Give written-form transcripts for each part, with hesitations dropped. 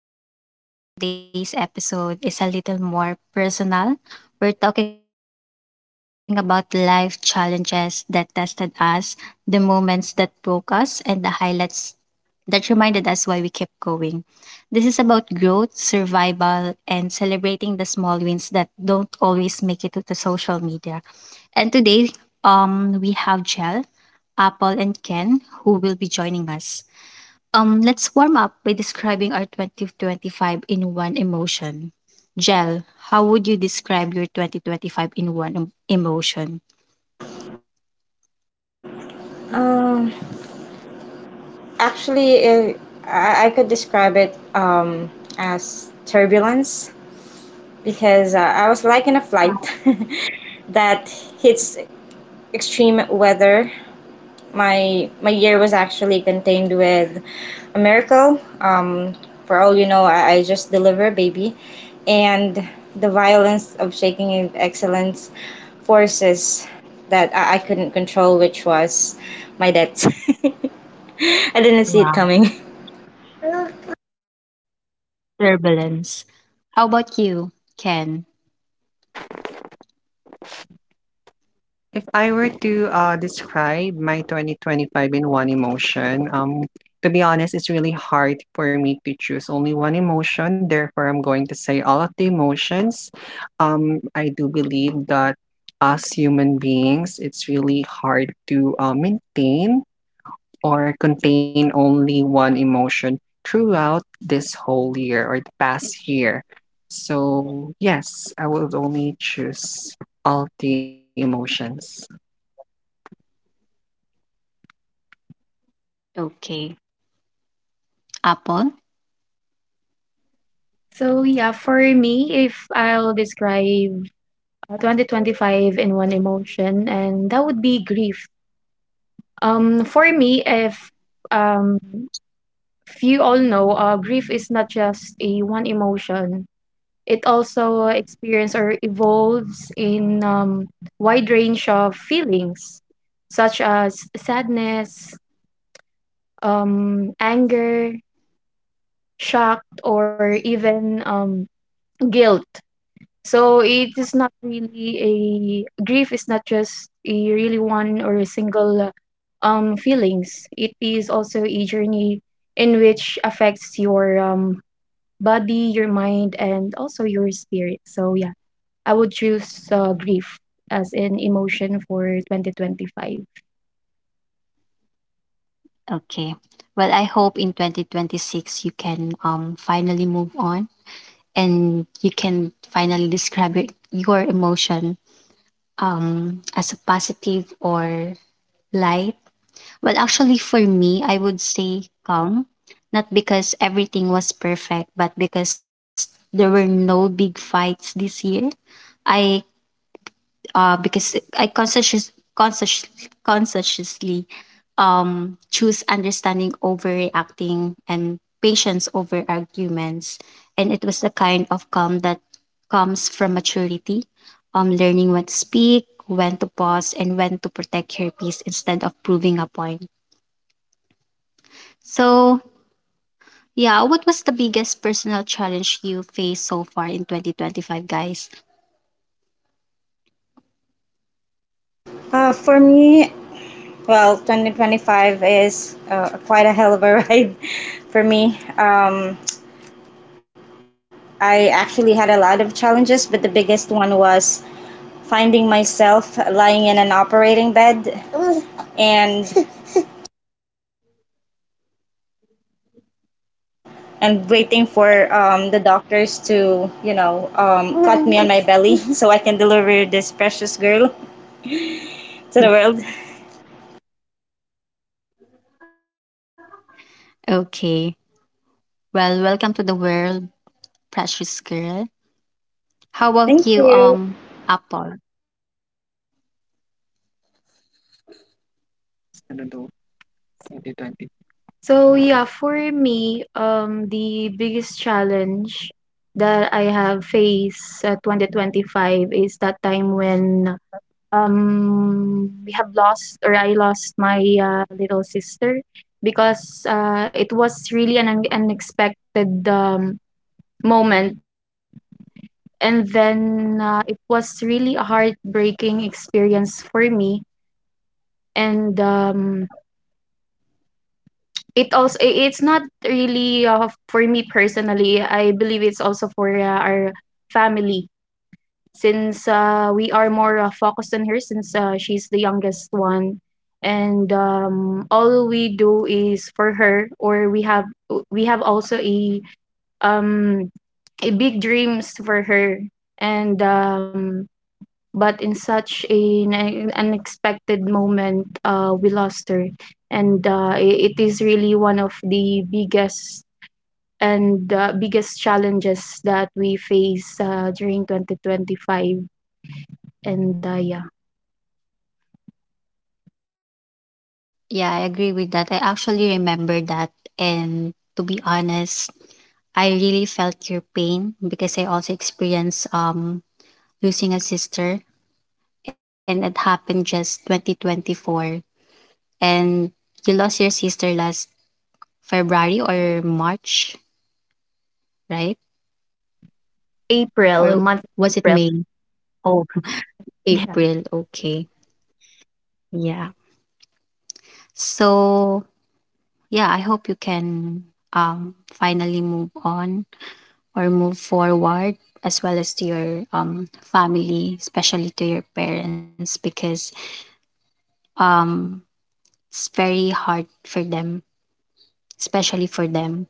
Hello, welcome to our podcast. I'm Far, and today's episode is a little more personal. We're talking about life challenges that tested us, the moments that broke us, and the highlights that reminded us why we kept going. This is about growth, survival, and celebrating the small wins that don't always make it to the social media. And today, we have Jel, Apple, and Ken who will be joining us. Let's warm up by describing our 2025 in one emotion. Gel, how would you describe your 2025 in one emotion? Um, actually, uh, I could describe it as turbulence because I was like in a flight that hits extreme weather. My year was actually contained with a miracle. For all you know, I just deliver a baby, and the violence of shaking excellence forces that I couldn't control, which was my debts. I didn't see it Wow. coming. Turbulence. How about you, Ken? If I were to describe my 2025 in one emotion, to be honest, it's really hard for me to choose only one emotion. Therefore, I'm going to say all of the emotions. I do believe that as human beings, it's really hard to maintain or contain only one emotion throughout this whole year or the past year. So, yes, I will only choose all the emotions. Okay. Apple? So yeah, for me, if I'll describe 2025 in one emotion, and that would be grief. For me, um, if you all know, grief is not just a one emotion. It also experience or evolves in wide range of feelings, such as sadness, anger, shock, or even guilt. So it is not really a grief is not just a really one or a single feelings. It is also a journey in which affects your body, your mind, and also your spirit. So yeah, I would choose grief as an emotion for 2025. Okay. Well, I hope in 2026 you can finally move on and you can finally describe your emotion as a positive or light. Well, actually, for me, I would say calm, not because everything was perfect, but because there were no big fights this year. I Because I consciously choose understanding over reacting and patience over arguments, and it was the kind of calm that comes from maturity, learning when to speak, when to pause, and when to protect your peace instead of proving a point. So, yeah, what was the biggest personal challenge you faced so far in 2025, guys? For me, well, 2025 is quite a hell of a ride for me. I actually had a lot of challenges, but the biggest one was finding myself lying in an operating bed and waiting for the doctors to cut me on my belly so I can deliver this precious girl to the world. Okay. Well, welcome to the world, precious girl. How about Thank you, you. Apple? So yeah, for me, the biggest challenge that I have faced 2025 is that time when we have lost or I lost my little sister because it was really an unexpected moment and then it was really a heartbreaking experience for me and It also I it's not really, for me personally, I believe it's also for, our family since, we are more, focused on her since, she's the youngest one. And, all we do is for her or we have also um, a big dreams for her and, but in such an unexpected moment, we lost her, and it is really one of the biggest and biggest challenges that we face during 2025. And yeah, Yeah, I agree with that. I actually remember that. And to be honest, I really felt your pain because I also experienced losing a sister, and it happened just 2024. And you lost your sister last February or March, right? Or April month was it April. May? Oh, Yeah. April. Okay. Yeah. So, yeah, I hope you can finally move on or move forward, as well as to your family, especially to your parents because um it's very hard for them, especially for them.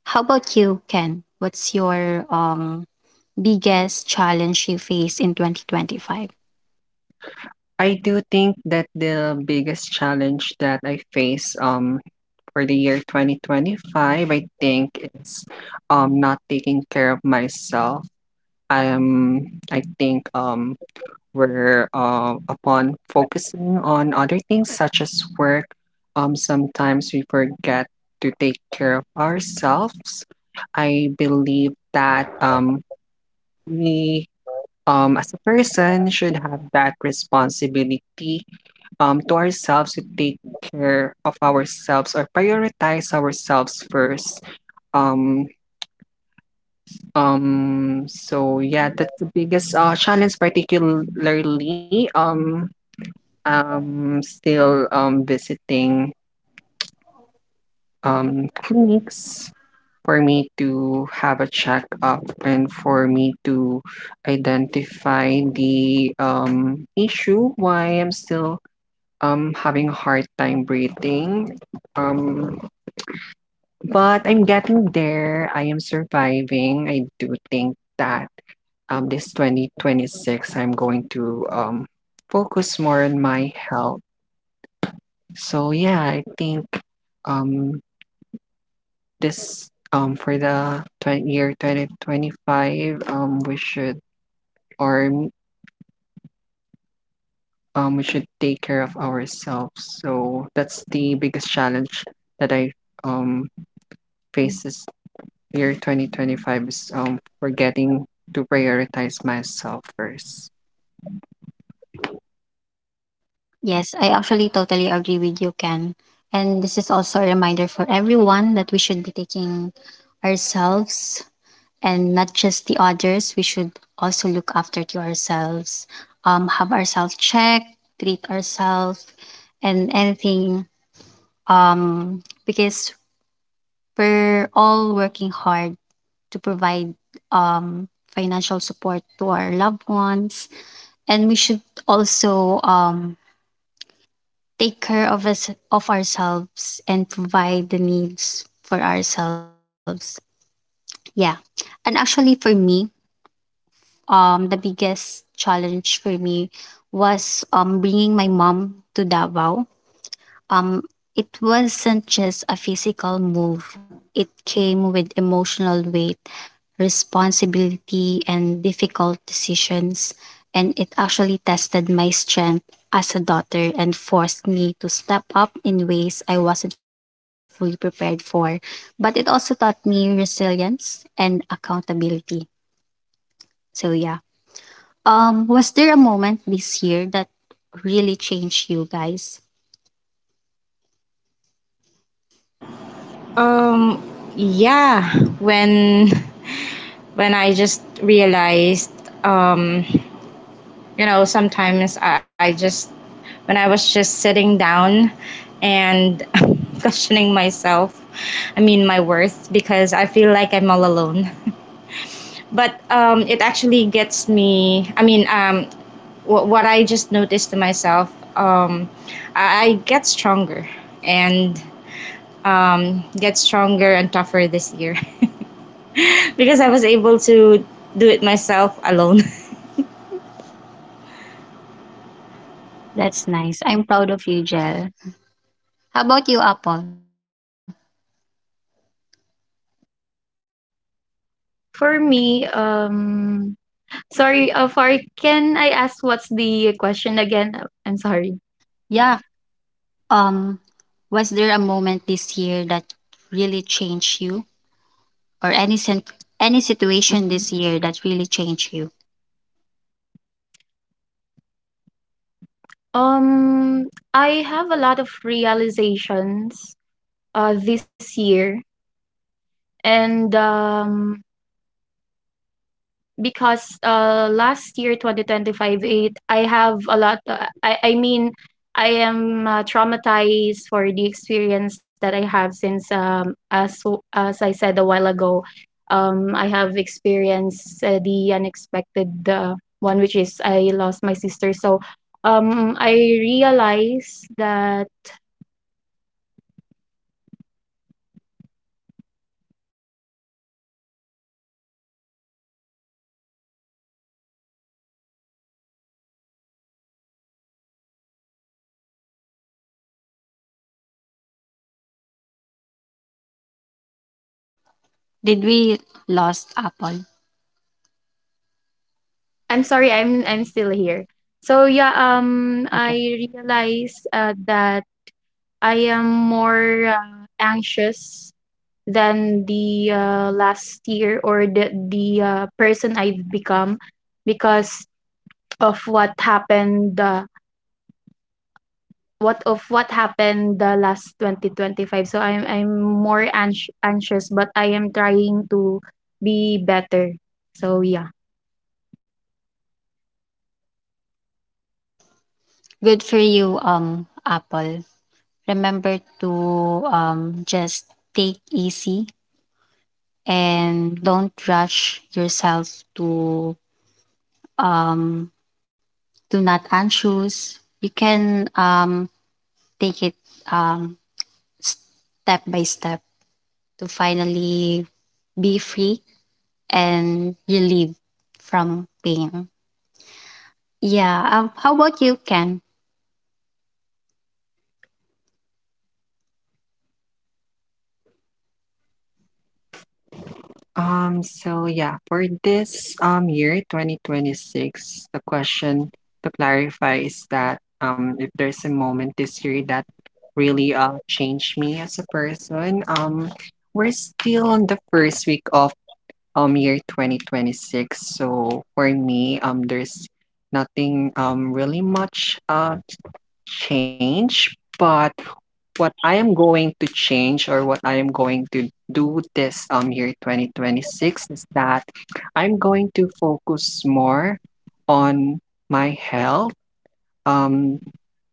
How about you, Ken? What's your biggest challenge you face in 2025? I do think that the biggest challenge that I face for the year 2025, I think it's not taking care of myself. I think where upon focusing on other things such as work, sometimes we forget to take care of ourselves. I believe that we, as a person, should have that responsibility to ourselves to take care of ourselves or prioritize ourselves first. Um, so yeah, that's the biggest challenge, particularly I'm still, visiting, clinics for me to have a checkup and for me to identify the, issue why I'm still, having a hard time breathing. Um, but I'm getting there. I am surviving. I do think that this 2026, I'm going to focus more on my health. So yeah, I think um this for the year 2025 we should or m- we should take care of ourselves. So that's the biggest challenge that I um faces year 2025 is forgetting to prioritize myself first. Yes, I actually totally agree with you, Ken. And this is also a reminder for everyone that we should be taking ourselves and not just the others. We should also look after to ourselves, have ourselves checked, treat ourselves, and anything. Because we're all working hard to provide um financial support to our loved ones, and we should also take care of us of ourselves and provide the needs for ourselves. Yeah. And actually for me, the biggest challenge for me was bringing my mom to Davao. um, it wasn't just a physical move, it came with emotional weight, responsibility, and difficult decisions. And it actually tested my strength as a daughter and forced me to step up in ways I wasn't fully prepared for. But it also taught me resilience and accountability. So, yeah. Was there a moment this year that really changed you guys? Um, yeah, when when I just realized you know sometimes I just when I was just sitting down and questioning myself I mean my worth because I feel like I'm all alone but it actually gets me I mean what I just noticed to myself um, I and get stronger and tougher this year because I was able to do it myself alone That's nice. I'm proud of you, Jel. How about you, Apple? For me, sorry, Far, can I ask what's the question again? I'm sorry. Yeah. Um, was there a moment this year that really changed you, or any situation Mhm. this year that really changed you? Um, I have a lot of realizations this year. And, because, last year, 2025, five, eight, I have a lot I mean, I am, traumatized for the experience that I have since, as I said a while ago, I have experienced, the unexpected, one, which is I lost my sister. So, I realized that Did we lost Apple? I'm sorry, I'm still here. So yeah, I Okay, realized that I am more, anxious than the, last year or the person I've become because of what happened, what happened the last 2025. So I'm more anxious, but I am trying to be better. So yeah. good for you, Apple. Remember to just take easy and don't rush yourself to um do not anxious. You can take it um step by step to finally be free and relieved from pain. Yeah. How about you, Ken? So yeah, for this year 2026, the question to clarify is that if there's a moment this year that really changed me as a person, we're still on the first week of year 2026. So for me, there's nothing really much change, but what I am going to change or what I am going to do this year 2026 is that I'm going to focus more on my health, um,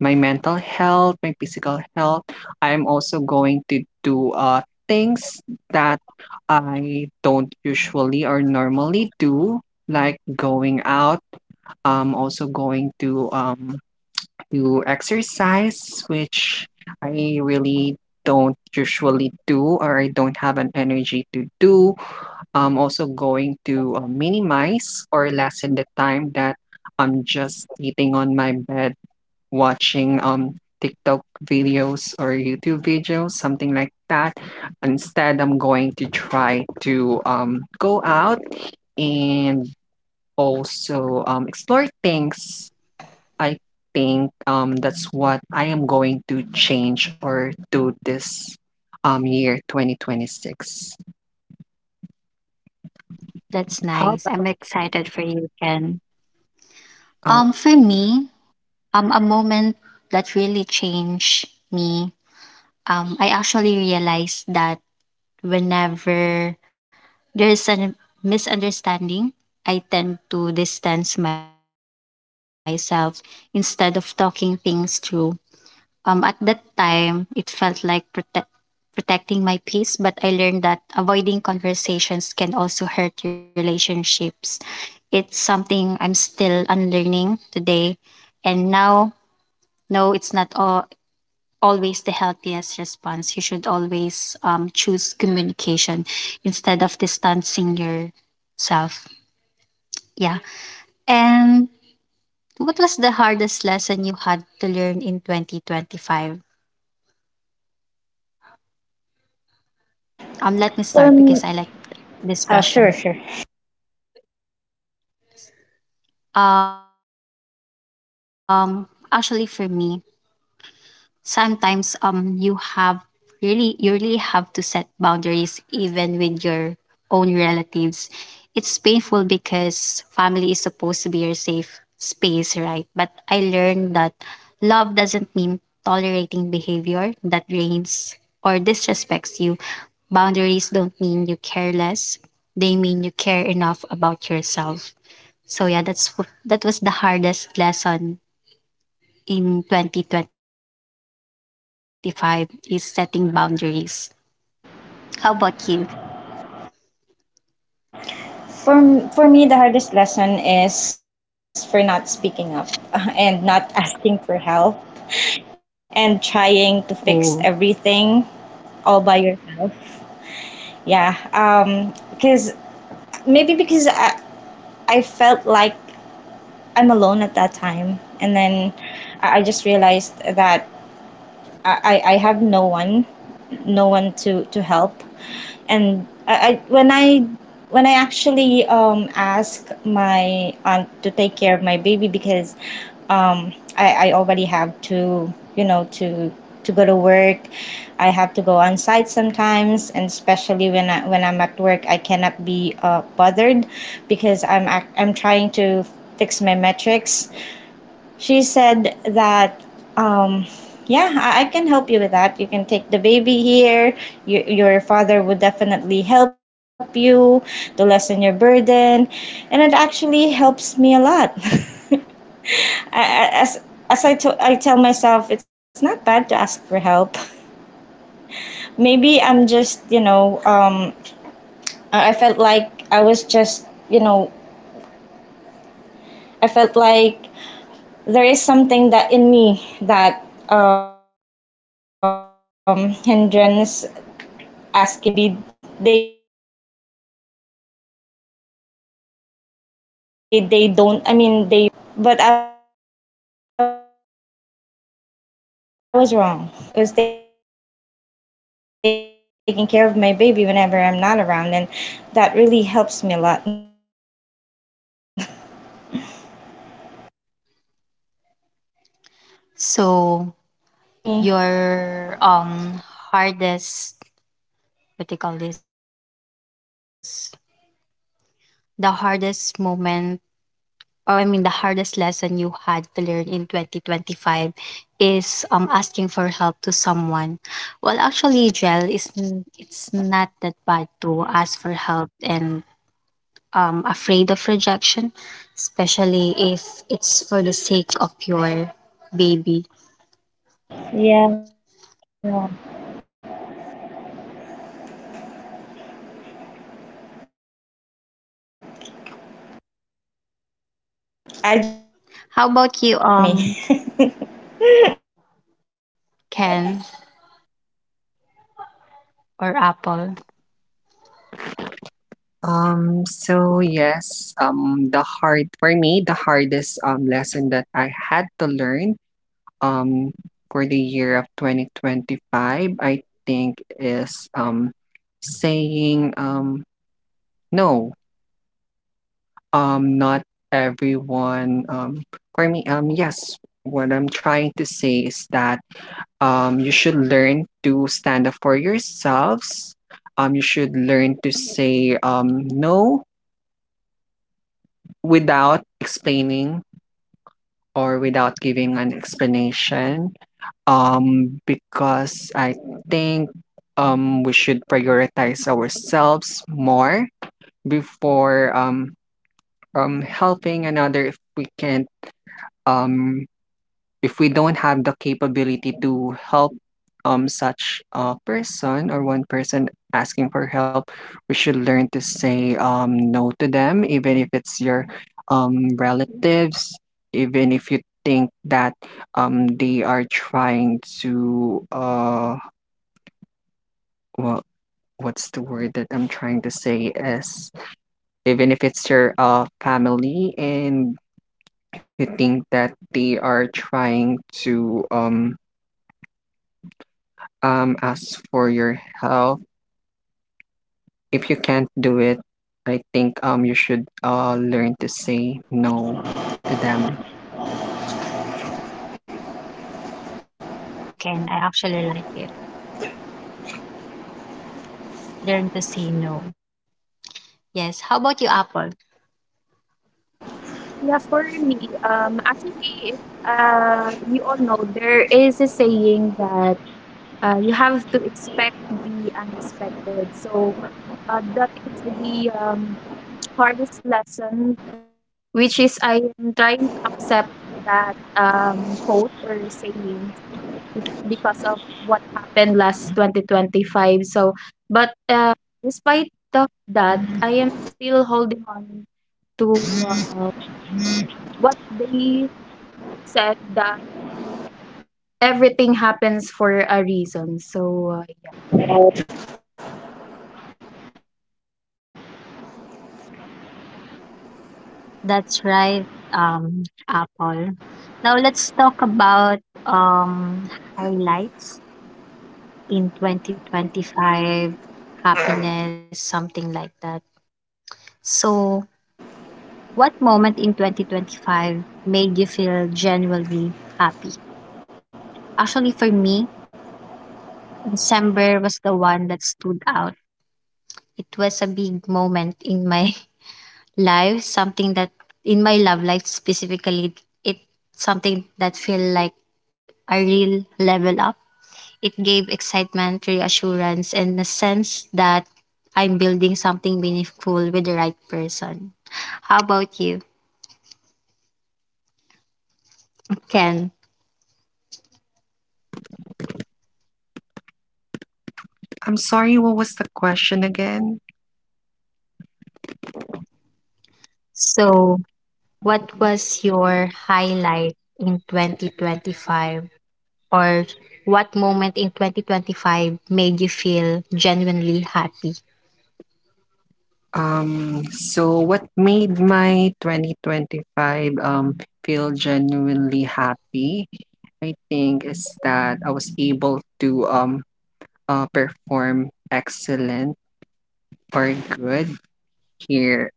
my mental health, my physical health. I'm also going to do things that I don't usually or normally do, like going out. I'm also going to exercise, which I really don't usually do or I don't have an energy to do. I'm also going to minimize or lessen the time that I'm just sitting on my bed watching TikTok videos or YouTube videos, something like that. Instead, I'm going to try to go out and also explore things I think that's what I am going to change or do this year 2026. That's How about nice. I'm excited for you, Ken. oh, For me, a moment that really changed me. I actually realized that whenever there's a misunderstanding, I tend to distance myself instead of talking things through. At that time, it felt like protecting my peace, but I learned that avoiding conversations can also hurt relationships. It's something I'm still unlearning today. And now, no, it's not all, always the healthiest response. You should always choose communication instead of distancing yourself. Yeah. And what was the hardest lesson you had to learn in 2025? Let me start because I like this For m- question. oh sure sure Actually, for me, sometimes you really have to set boundaries even with your own relatives. It's painful because family is supposed to be your safe space, right? But I learned that love doesn't mean tolerating behavior that drains or disrespects you. Boundaries don't mean you care less, they mean you care enough about yourself. So yeah, that was the hardest lesson in 2025 is setting boundaries. How about you? For for me, the hardest lesson is for not speaking up and not asking for help and trying to fix Oh, everything all by yourself. Yeah, because maybe because I felt like I'm alone at that time, and then I just realized that I have no one, no one to help, and I when I when I actually ask my aunt to take care of my baby because I already have to to go to work. I have to go on site sometimes, and especially when I when I'm at work, cannot be bothered because I'm trying to fix my metrics. She said that, um, yeah, I can help you with that. You can take the baby here. Your father would definitely help you to lessen your burden. And it actually helps me a lot. as as I tell myself, it's not bad to ask for help. Maybe I'm just, you know, I felt like I was just, you know, I felt like there is something that in me that hindrance asking for help maybe because they're not willing to maybe they don't I mean they rejected me but I was wrong because now they are the one who's taking care of my baby whenever I'm not around and that really helps me a lot so that's it for me your hardest, what do you call this? The hardest moment, or I mean the hardest lesson you had to learn in 2025 is asking for help to someone. Well, actually, Jel, it's not that bad to yeah ask for help and afraid of rejection, especially if it's for the sake of your baby. yeah I just realized it How it about was you, just me Ken or Apple? So yes, the hardest lesson that I had to learn um for the year of 2025 I think is saying no not everyone for me yes what I'm trying to say is that you should learn to stand up for yourselves. You should learn to say no without explaining or without giving an explanation. Because I think we should prioritize ourselves more before helping another if we can't um, if we don't have the capability to help such a person or one person asking for help we should learn to say no to them even if it's your relatives even if you think that they are trying to well, what's the word that I'm trying to say is even if it's your family and you think that they are trying to as for your health if you can't do it I think you should learn to say no to them. I agree with you, Ken. I actually like it. Learn to say no. Yes. How about you, Apple? Yeah, for me, actually, if, you all know there is a saying that you have to expect the unexpected. So that is the hardest lesson, which is I am trying to accept that quote or saying, because of what happened last 2025. So, but despite of that, I am still holding on to what they said that everything happens for a reason. So, yeah. That's right, Apple. Now let's talk about um highlights in 2025, happiness, something like that. So, what moment in 2025 made you feel genuinely happy? Actually, for me, December was the one that stood out. It was a big moment in my life, something that in my love life specifically, it something that felt like a real level up. It gave excitement, reassurance, and a sense that I'm building something meaningful with the right person. How about you, Ken? I'm sorry, what was the question again? So, what was your highlight in 2025, or what moment in 2025 made you feel genuinely happy? So what made my 2025 feel genuinely happy? I think is that I was able to perform excellent or good here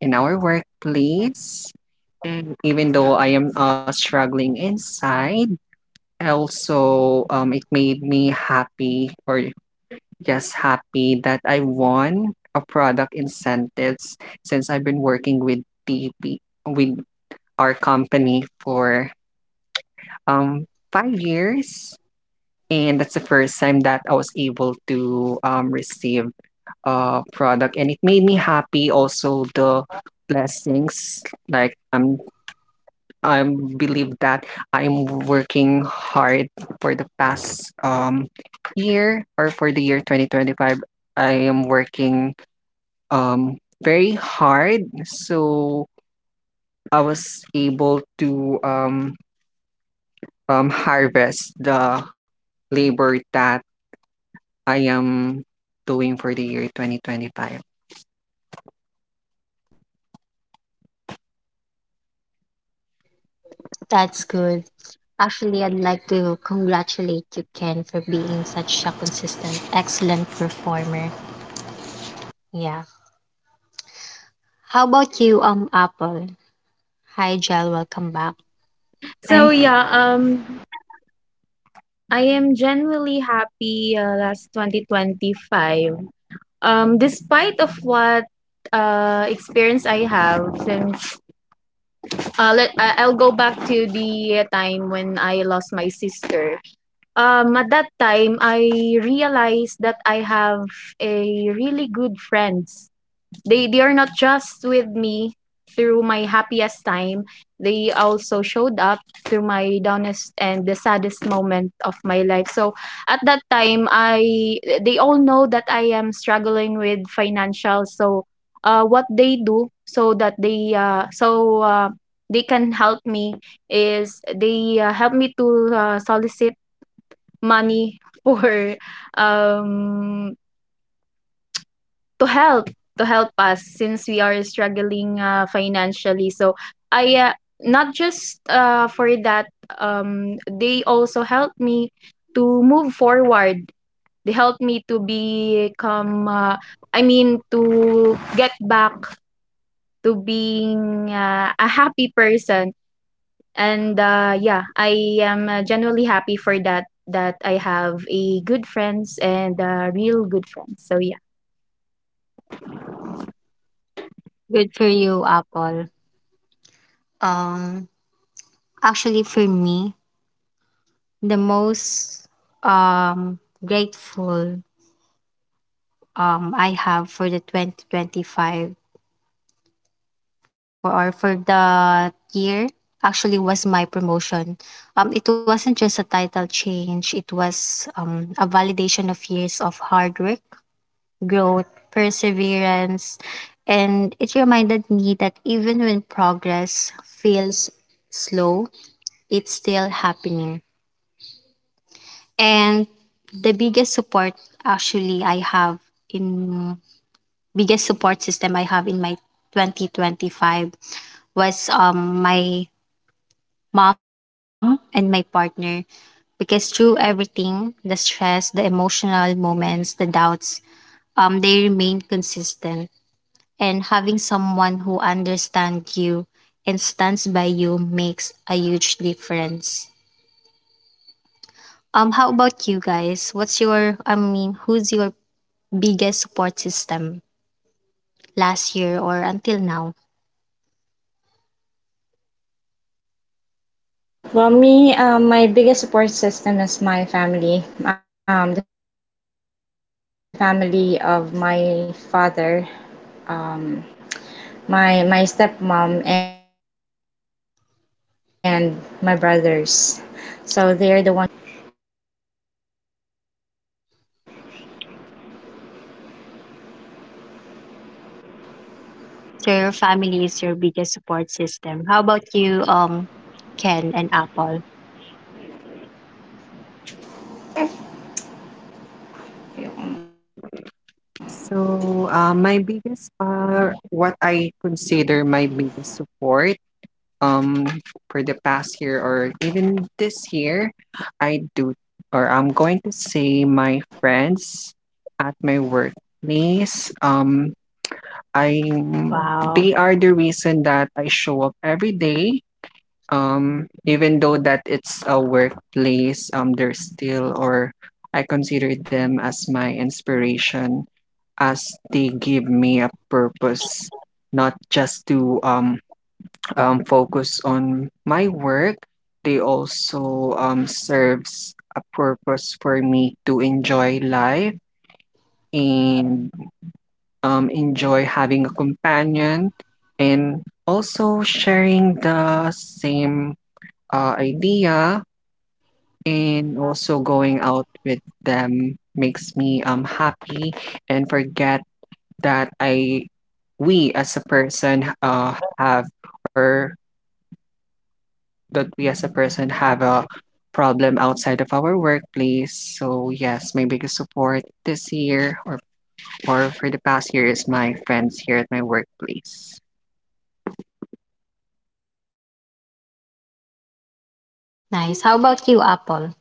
in our workplace. And even though I am struggling inside, also it made me happy or just happy that I won a product incentives since I've been working with TP with our company for um 5 years. And that's the first time that I was able to receive a product, and it made me happy. Also, the blessings, I believe that I'm working hard for the past year or for the year 2025. I am working um, very hard, so I was able to harvest the labor that I am doing for the year 2025. That's good. Actually, I'd like to congratulate you, Ken, for being such a consistent, excellent performer. Yeah. How about you, Apple? Hi, Jel. Welcome back. So yeah, Hi. I am genuinely happy last 2025. Despite of what experience I have since I'll go back to the time when I lost my sister. At that time I realized that I have a really good friends. They are not just with me through my happiest time, they also showed up through my downest and the saddest moment of my life. So at that time, I they all know that I am struggling with financial. So what they do so that they so they can help me is they help me to solicit money for um to help to help us since we are struggling, financially. So, I, uh not just, for that, they also helped me to move forward. They helped me to become, to get back to being, a happy person. And, yeah, I am, genuinely happy for that, that I have a good friends and, real good friends. So, yeah. Good for you, Apple. Um, Actually, for me, the most um grateful I have for the 2025, for the year, actually was my promotion. It wasn't just a title change, it was a validation of years of hard work, growth, perseverance, and it reminded me that even when progress feels slow, it's still happening. And the biggest support actually I have in biggest support system I have in my 2025 was my mom and my partner, because through everything, the stress, the emotional moments, the doubts, they remain consistent, and having someone who understands you and stands by you makes a huge difference. How about you guys? What's your, I mean, who's your biggest support system last year or until now? Well, me, my biggest support system is my family, the family of my father, um, my stepmom, and my brothers. So they're the one who's actually helping me until now. So your family is your biggest support system. How about you, Ken and Apple? Yung- So, my biggest what I consider my biggest support um for the past year or even this year, I do or I'm going to say my friends at my workplace. I Wow. they are the reason that I show up every day, even though that it's a workplace, they're still or I consider them as my inspiration, as they give me a purpose, not just to focus on my work. They also serves a purpose I for me love to you. enjoy I life, love you. Aw, and sige tayo. Enjoy having a I love you, companion, papansin ka rin eh. and Papansin also ikaw sa mami sharing talaga the eh. same Binasama na to ng ano idea. natin. And also going out with them makes me happy and forget that I we as a person have or that we as a person have a problem outside of our workplace. So yes, my biggest Sa support ugoy this ng year or duyan. for the past year is my friends here at my workplace. Nice. How about you, Apple?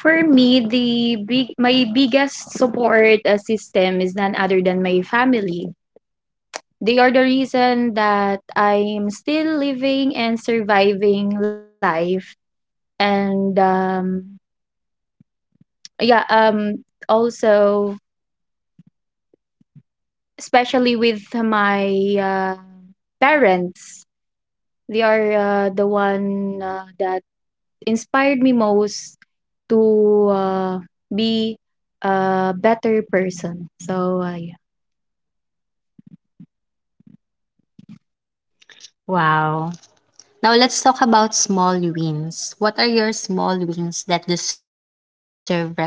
For me, the big my biggest support system is none other than my family. They are the reason that I'm still living and surviving life. And yeah, also, especially with my uh, parents, they are the one that Bye. inspired me most to Ah, be a ah, better person. ah, So, yeah. ah. Wow. Now let's talk about small wins. What are your small wins that deserve recognition?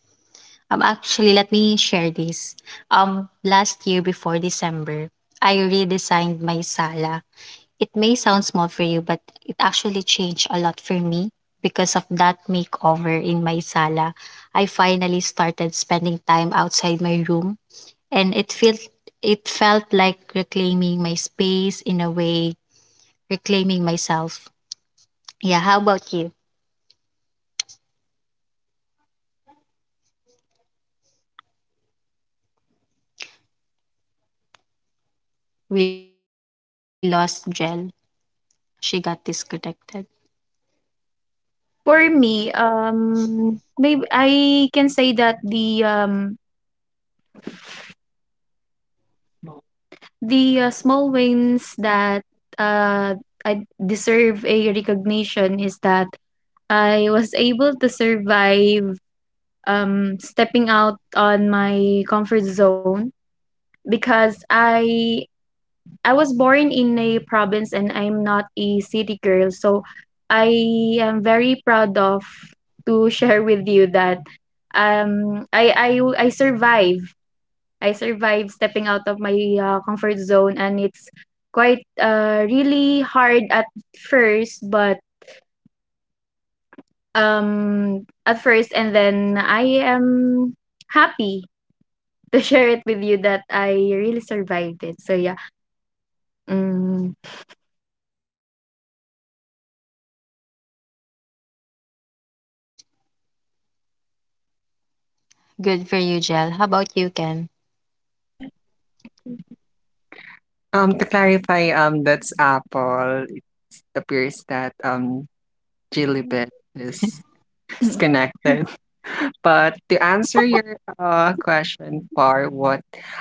Actually, let me share this. Last year before December, I redesigned my sala. It may sound small for you, but it actually changed a lot for me because of that makeover in my sala. I Dawi ka na. finally started spending time outside my room, and it felt like reclaiming my space in a way, reclaiming myself. Yeah, how about you? We lost Jel. She got disconnected. For me, maybe I can say that the, small wins that, uh, I Biyak deserve a na. recognition is that I was able to survive, stepping out on my comfort zone, because I was born in a province and I'm not a city girl. So I am very proud of to share with you that um I I I survive I survived stepping out of my comfort zone, and it's quite really hard at first, but at first and then I am happy to share it with you that I really survived it. So yeah. Mm. Good for you, Jel. How about you, Ken? Mm, Jack. To clarify, that's Apple. It appears that Jillibet is disconnected. But to answer your question for what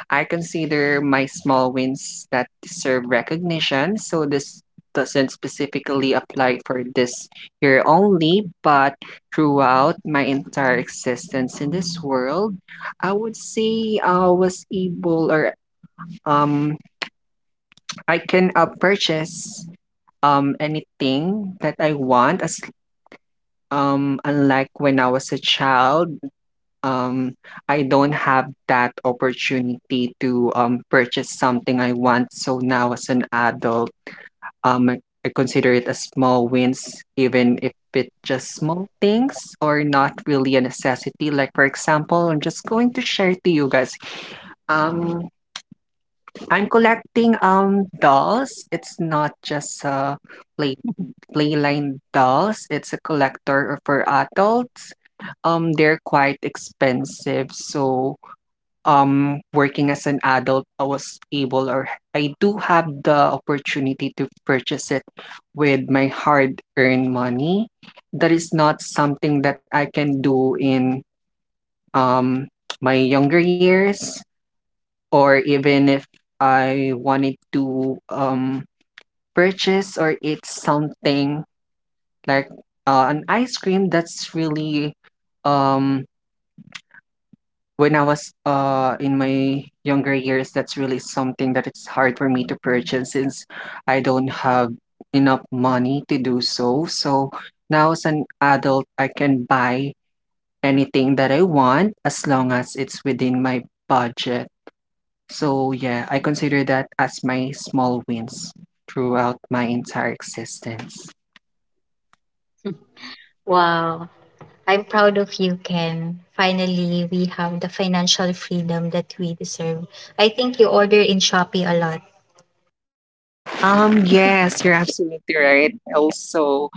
I consider my small wins that deserve recognition, so this doesn't specifically apply for this year only, but throughout my entire existence in this world, I would say I was able or um I can purchase anything that I want as unlike when I was a child. um, I don't have that opportunity to, purchase something I want, so now as an adult, um, I I consider it a small wins, even if it just small things or Ano not really a necessity. Like, for example, I'm just going to share to you guys. Um, bang gusto? I'm Ano bang collecting gusto? Ano bang gusto? dolls. It's not just Ito play kung sa gusto mo. playline dolls. It's a collector for adults. They're quite Nainitan ka? expensive, Tanggalin so natin. Working as an adult, I was able or Tanggalin I natin do yan. have Tanggalin the natin to. opportunity to Tanggalin, purchase tanggalin, it tanggalin. with my Tanggalin, tanggalin, hard-earned money. tanggalin. That is not something that I I can do in love you, um, Chichanko. my younger I years, love you, or even if Chichanko. I Chichanko, wanted ha? to Chichanko, purchase Chichanko, or eat Chichanko, something Chichanko, like Chichanko. Ku, an ice ku, cream that's ku, ku, really ku, ku. um Paris nggak, Mami? Paris, when I was in Paris, Mami. my younger years, that's really Pakis, something that it's Mami. hard for me to purchase, Pakis, since Mami. I don't have Pakis, enough Mami. money to do Mami, so. So Mami. now as Ah, an adult, I can mm, mm. buy anything that I want as long as it's within my budget. So yeah, I consider that as my small wins throughout my entire existence. Sexy, Wow. sexy, I'm sexy. proud of you, Huh? I'm Ken. Finally, we have the sexy. financial freedom sexy that yan, we sexy. deserve. Ha? I think you order Sexy in daw yan, Shopee a lot. sexy yan, sexy yan. Sexy yan, Yes, you're sexy yan. absolutely right. Also,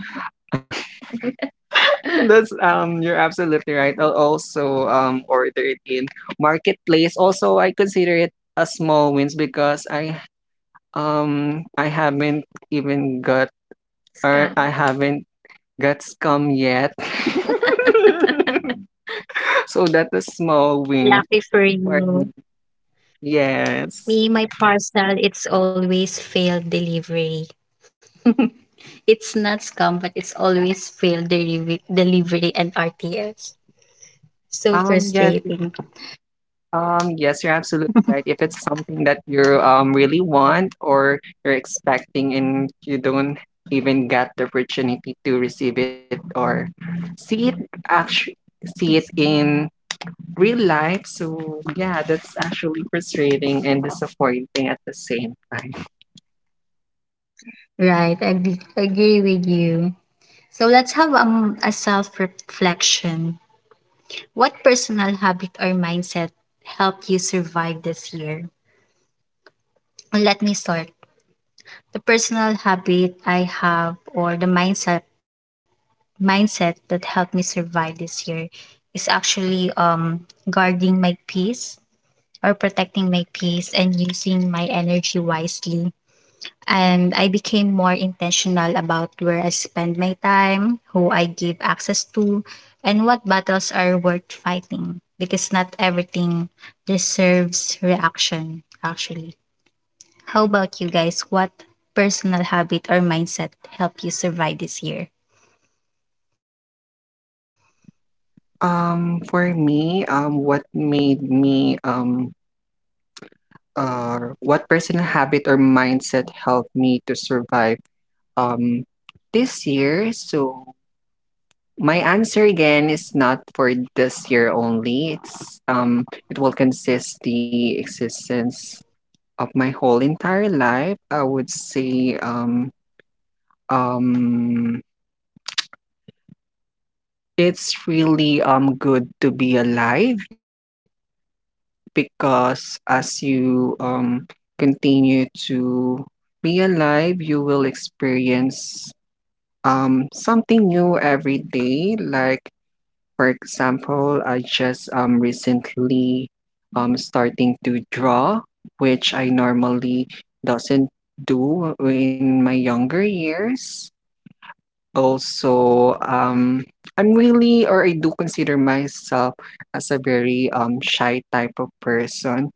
That's you're absolutely right. I'll also order it in marketplace. Also, I Sexy, consider it a small wins sexy because yan. I um Ay, I hindi haven't sexy yan. even got Hindi or ba scam. I sexy haven't got scum yet. So that's a small win Lucky for for me. you. Yes. Me, my parcel, it's always failed delivery. It's not scam, but it's always failed delivery, delivery, and RTS. So Yes. frustrating. Yes, you're absolutely right. If it's something that you really want or you're expecting and you don't even get the opportunity to receive it or see it actually see it in real life. So yeah, that's actually frustrating and disappointing at the same time. Right, agree with you. So let's have a self reflection. What personal habit or mindset helped you survive this year? Let me start. The personal habit I have or the mindset that helped me yan? survive this year is actually guarding my peace or protecting my peace and using my energy wisely. And I became more intentional about where I spend my time, who I give access to, and what battles are worth fighting because not everything deserves reaction actually. How about you guys? What personal habit or mindset helped you survive this year? For me, what personal habit or mindset helped me to survive um this year. So my answer again is not for this year only. It's it will consist the existence of my whole entire life. I would say um it's really good to be alive, because as you continue to be alive, you will experience something new every day. Like, for example, I just recently starting to draw, which I normally doesn't do in my younger years. Also, I'm really or I do consider myself Ano as a papunta? very shy Hmm, type dito of si Mommy. person.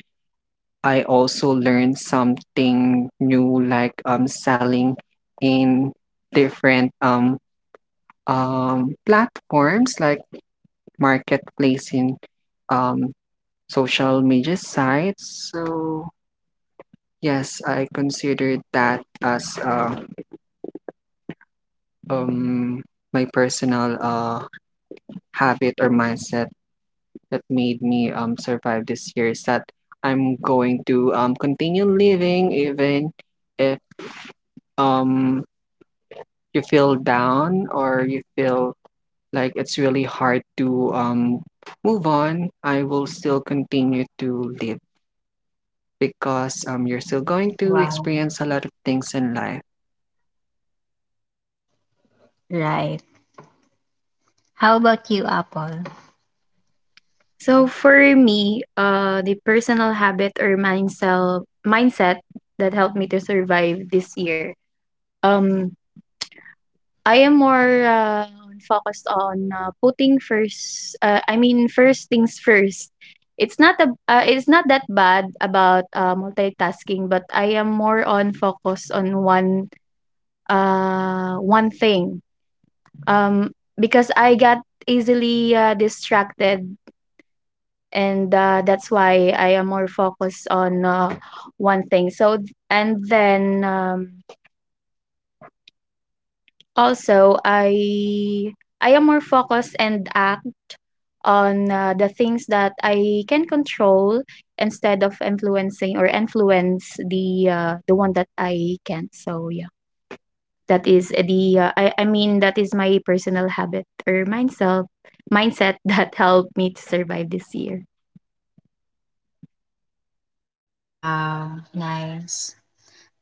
Where are you I going? also learned Hmm, something new like what are you selling seeing? in Huh? different Diyan, come here. Come platforms here. like Kaya marketplace dito. in Kaya na dito sa um, tabi ni Mommy. Come here. social media Shhh. sites. So Tigas ulo. Come here. yes, I considered that as Oo, come um, my personal habit or mindset that made me survive this year is here. that I'm going to continue living, even if um, you feel down or you feel Here, like it's really here, hard here. to You, move you. on. I Dito, will still dito, continue dito, to live, dito. because you're still going to Wow. experience a lot of things in life. Right. How about you, Apple? So for me, the personal habit or mindset that helped me to survive this year. Um, I am more focused on putting first. I mean, first things first. It's not a, it's not that bad about multitasking, but I am more on focus on one thing. Um, because I got easily distracted, and that's why I am more focused on one thing. So, th- and then also I am more focused and act on the things that I can control instead of influencing or influence the one that I can't. So yeah. That is the I mean, that is my personal habit or mindset that helped me to survive this year. Wow. Nice.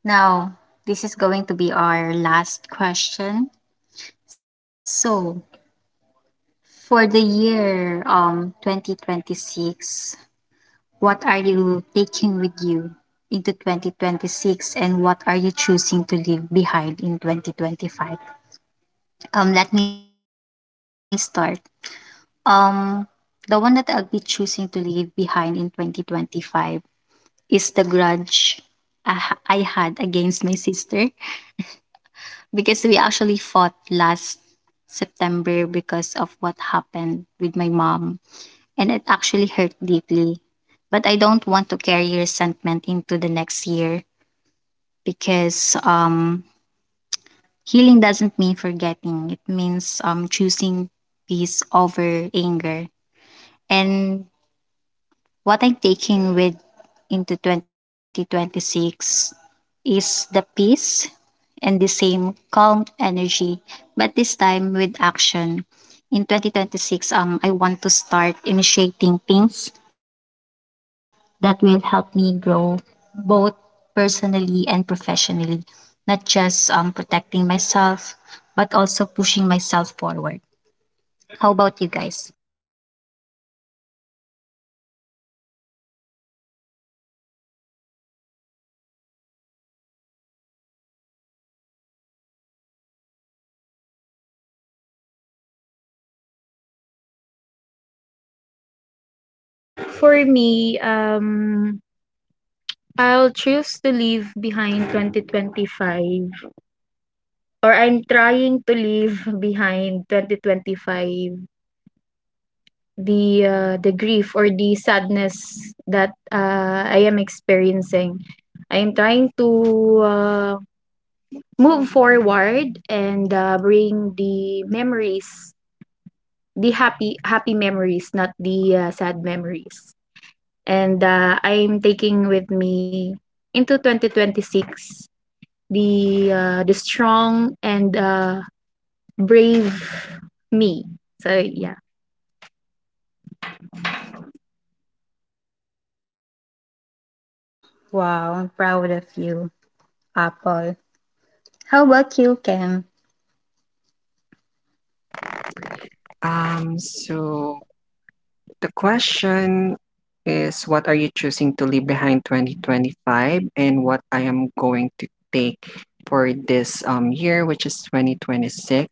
Now, this is going to be our last question. So, for the year 2026, what are you taking with you into 2026 and what are you choosing to leave behind in 2025? Let me start. Um, the one that I'll be choosing to leave behind in 2025 is the grudge I had against my sister, because we actually fought last September because of what happened with my mom, and it actually hurt deeply. But I don't want to carry resentment into the next year because healing doesn't mean forgetting, it means choosing peace over anger. And what I'm taking with into 2026 is the peace and the same calm energy, but this time with action. In 2026, I want to start initiating things that will help me grow both personally and professionally, not just protecting myself, but also pushing myself forward. How about you guys? For me, I'll choose to leave behind 2025, or I'm trying to leave behind 2025 the grief or the sadness that I am experiencing. I am trying to uh, move forward and bring the memories, the happy memories, not the sad memories. And I'm taking with me into 2026 the strong and brave me. So yeah. Na. Dito, dito, dito. Dito, dito, Wow, I'm proud of you, Apple. How about you, Ken? So the question is, what are you choosing to leave behind 2025, and what I am going to take for this year, which is 2026.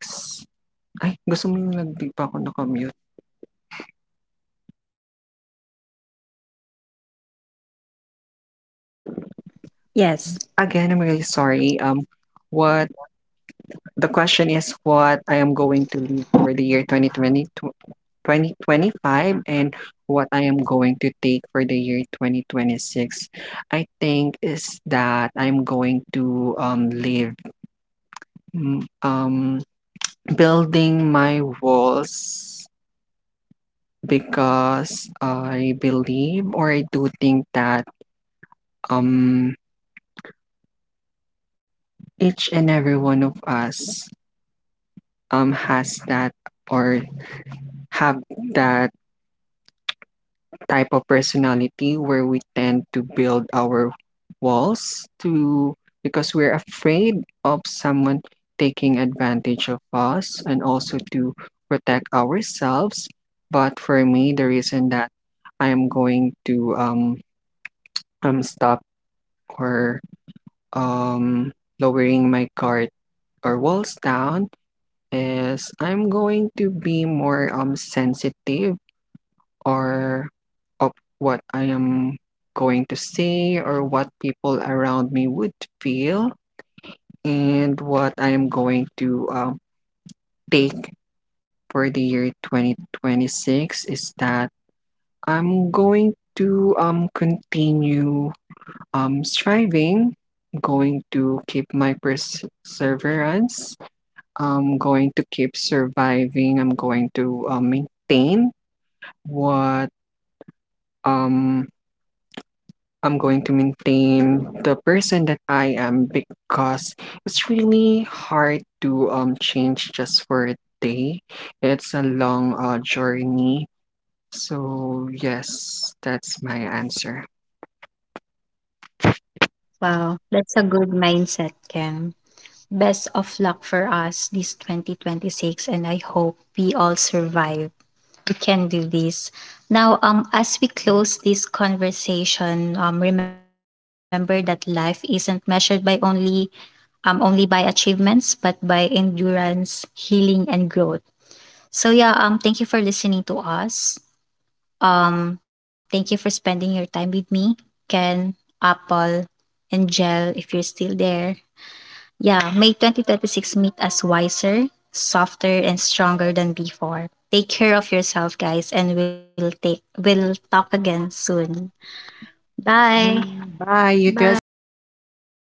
Ay, gusto mo yung nag- di pa ako nakamute. Yes. Again, I'm really sorry. What the question is, what I am going to leave for the year 2020 2025, and what I am going to take for the year 2026. I think is that I'm going to leave Mm, um, building my walls, dito. because Mm. I believe or I do think that um each and every one of us has that or Sus, have kawawa naman. that type of Mm. personality where we tend to build our walls to, because we're afraid of someone taking advantage of us and also to protect ourselves. But for me, the Aray, reason that I am going to aray. Mm. Stop No, or no. um Patay ka kay lowering my guard Daddy. or walls down Gusto mo talaga is ako I'm kay going to be Daddy. more sensitive Bakit ginaganyan mo or si of Mami? what I am going to say Ang Bad or what people yan. That's around me would bad, you know. feel, Nilalabi ko ni and Mami, what tapos I am ginaganyan going mo si to Mami. Ah, imbis na take tala for the year 2026 is that Nasaan I'm na? going to continue striving. Going to keep my perseverance. I'm going to keep Yung surviving. I'm going to maintain medyas. what Socks. um, Nakita. I'm going to Socks. maintain the person Mm, that I am, because Medyas. it's really hard to change just for a day. It's a long journey. So yes, that's my answer. Wow. That's a good mindset, Ken. Best of luck for us this 2026, and I hope we all survive. We can do this. Now, as we close this conversation, remember that life isn't measured by only only by achievements, but by endurance, healing, and growth. So yeah, thank you for listening to us. Thank you for spending your time with me, Ken, Apple, and Jel, if you're still there. Yeah, may 2026 meet us wiser, softer, and stronger than before. Take care of yourself, guys, and we'll take we'll talk again soon. Bye. Bye. You do as Bye. Thank well, you as Carl.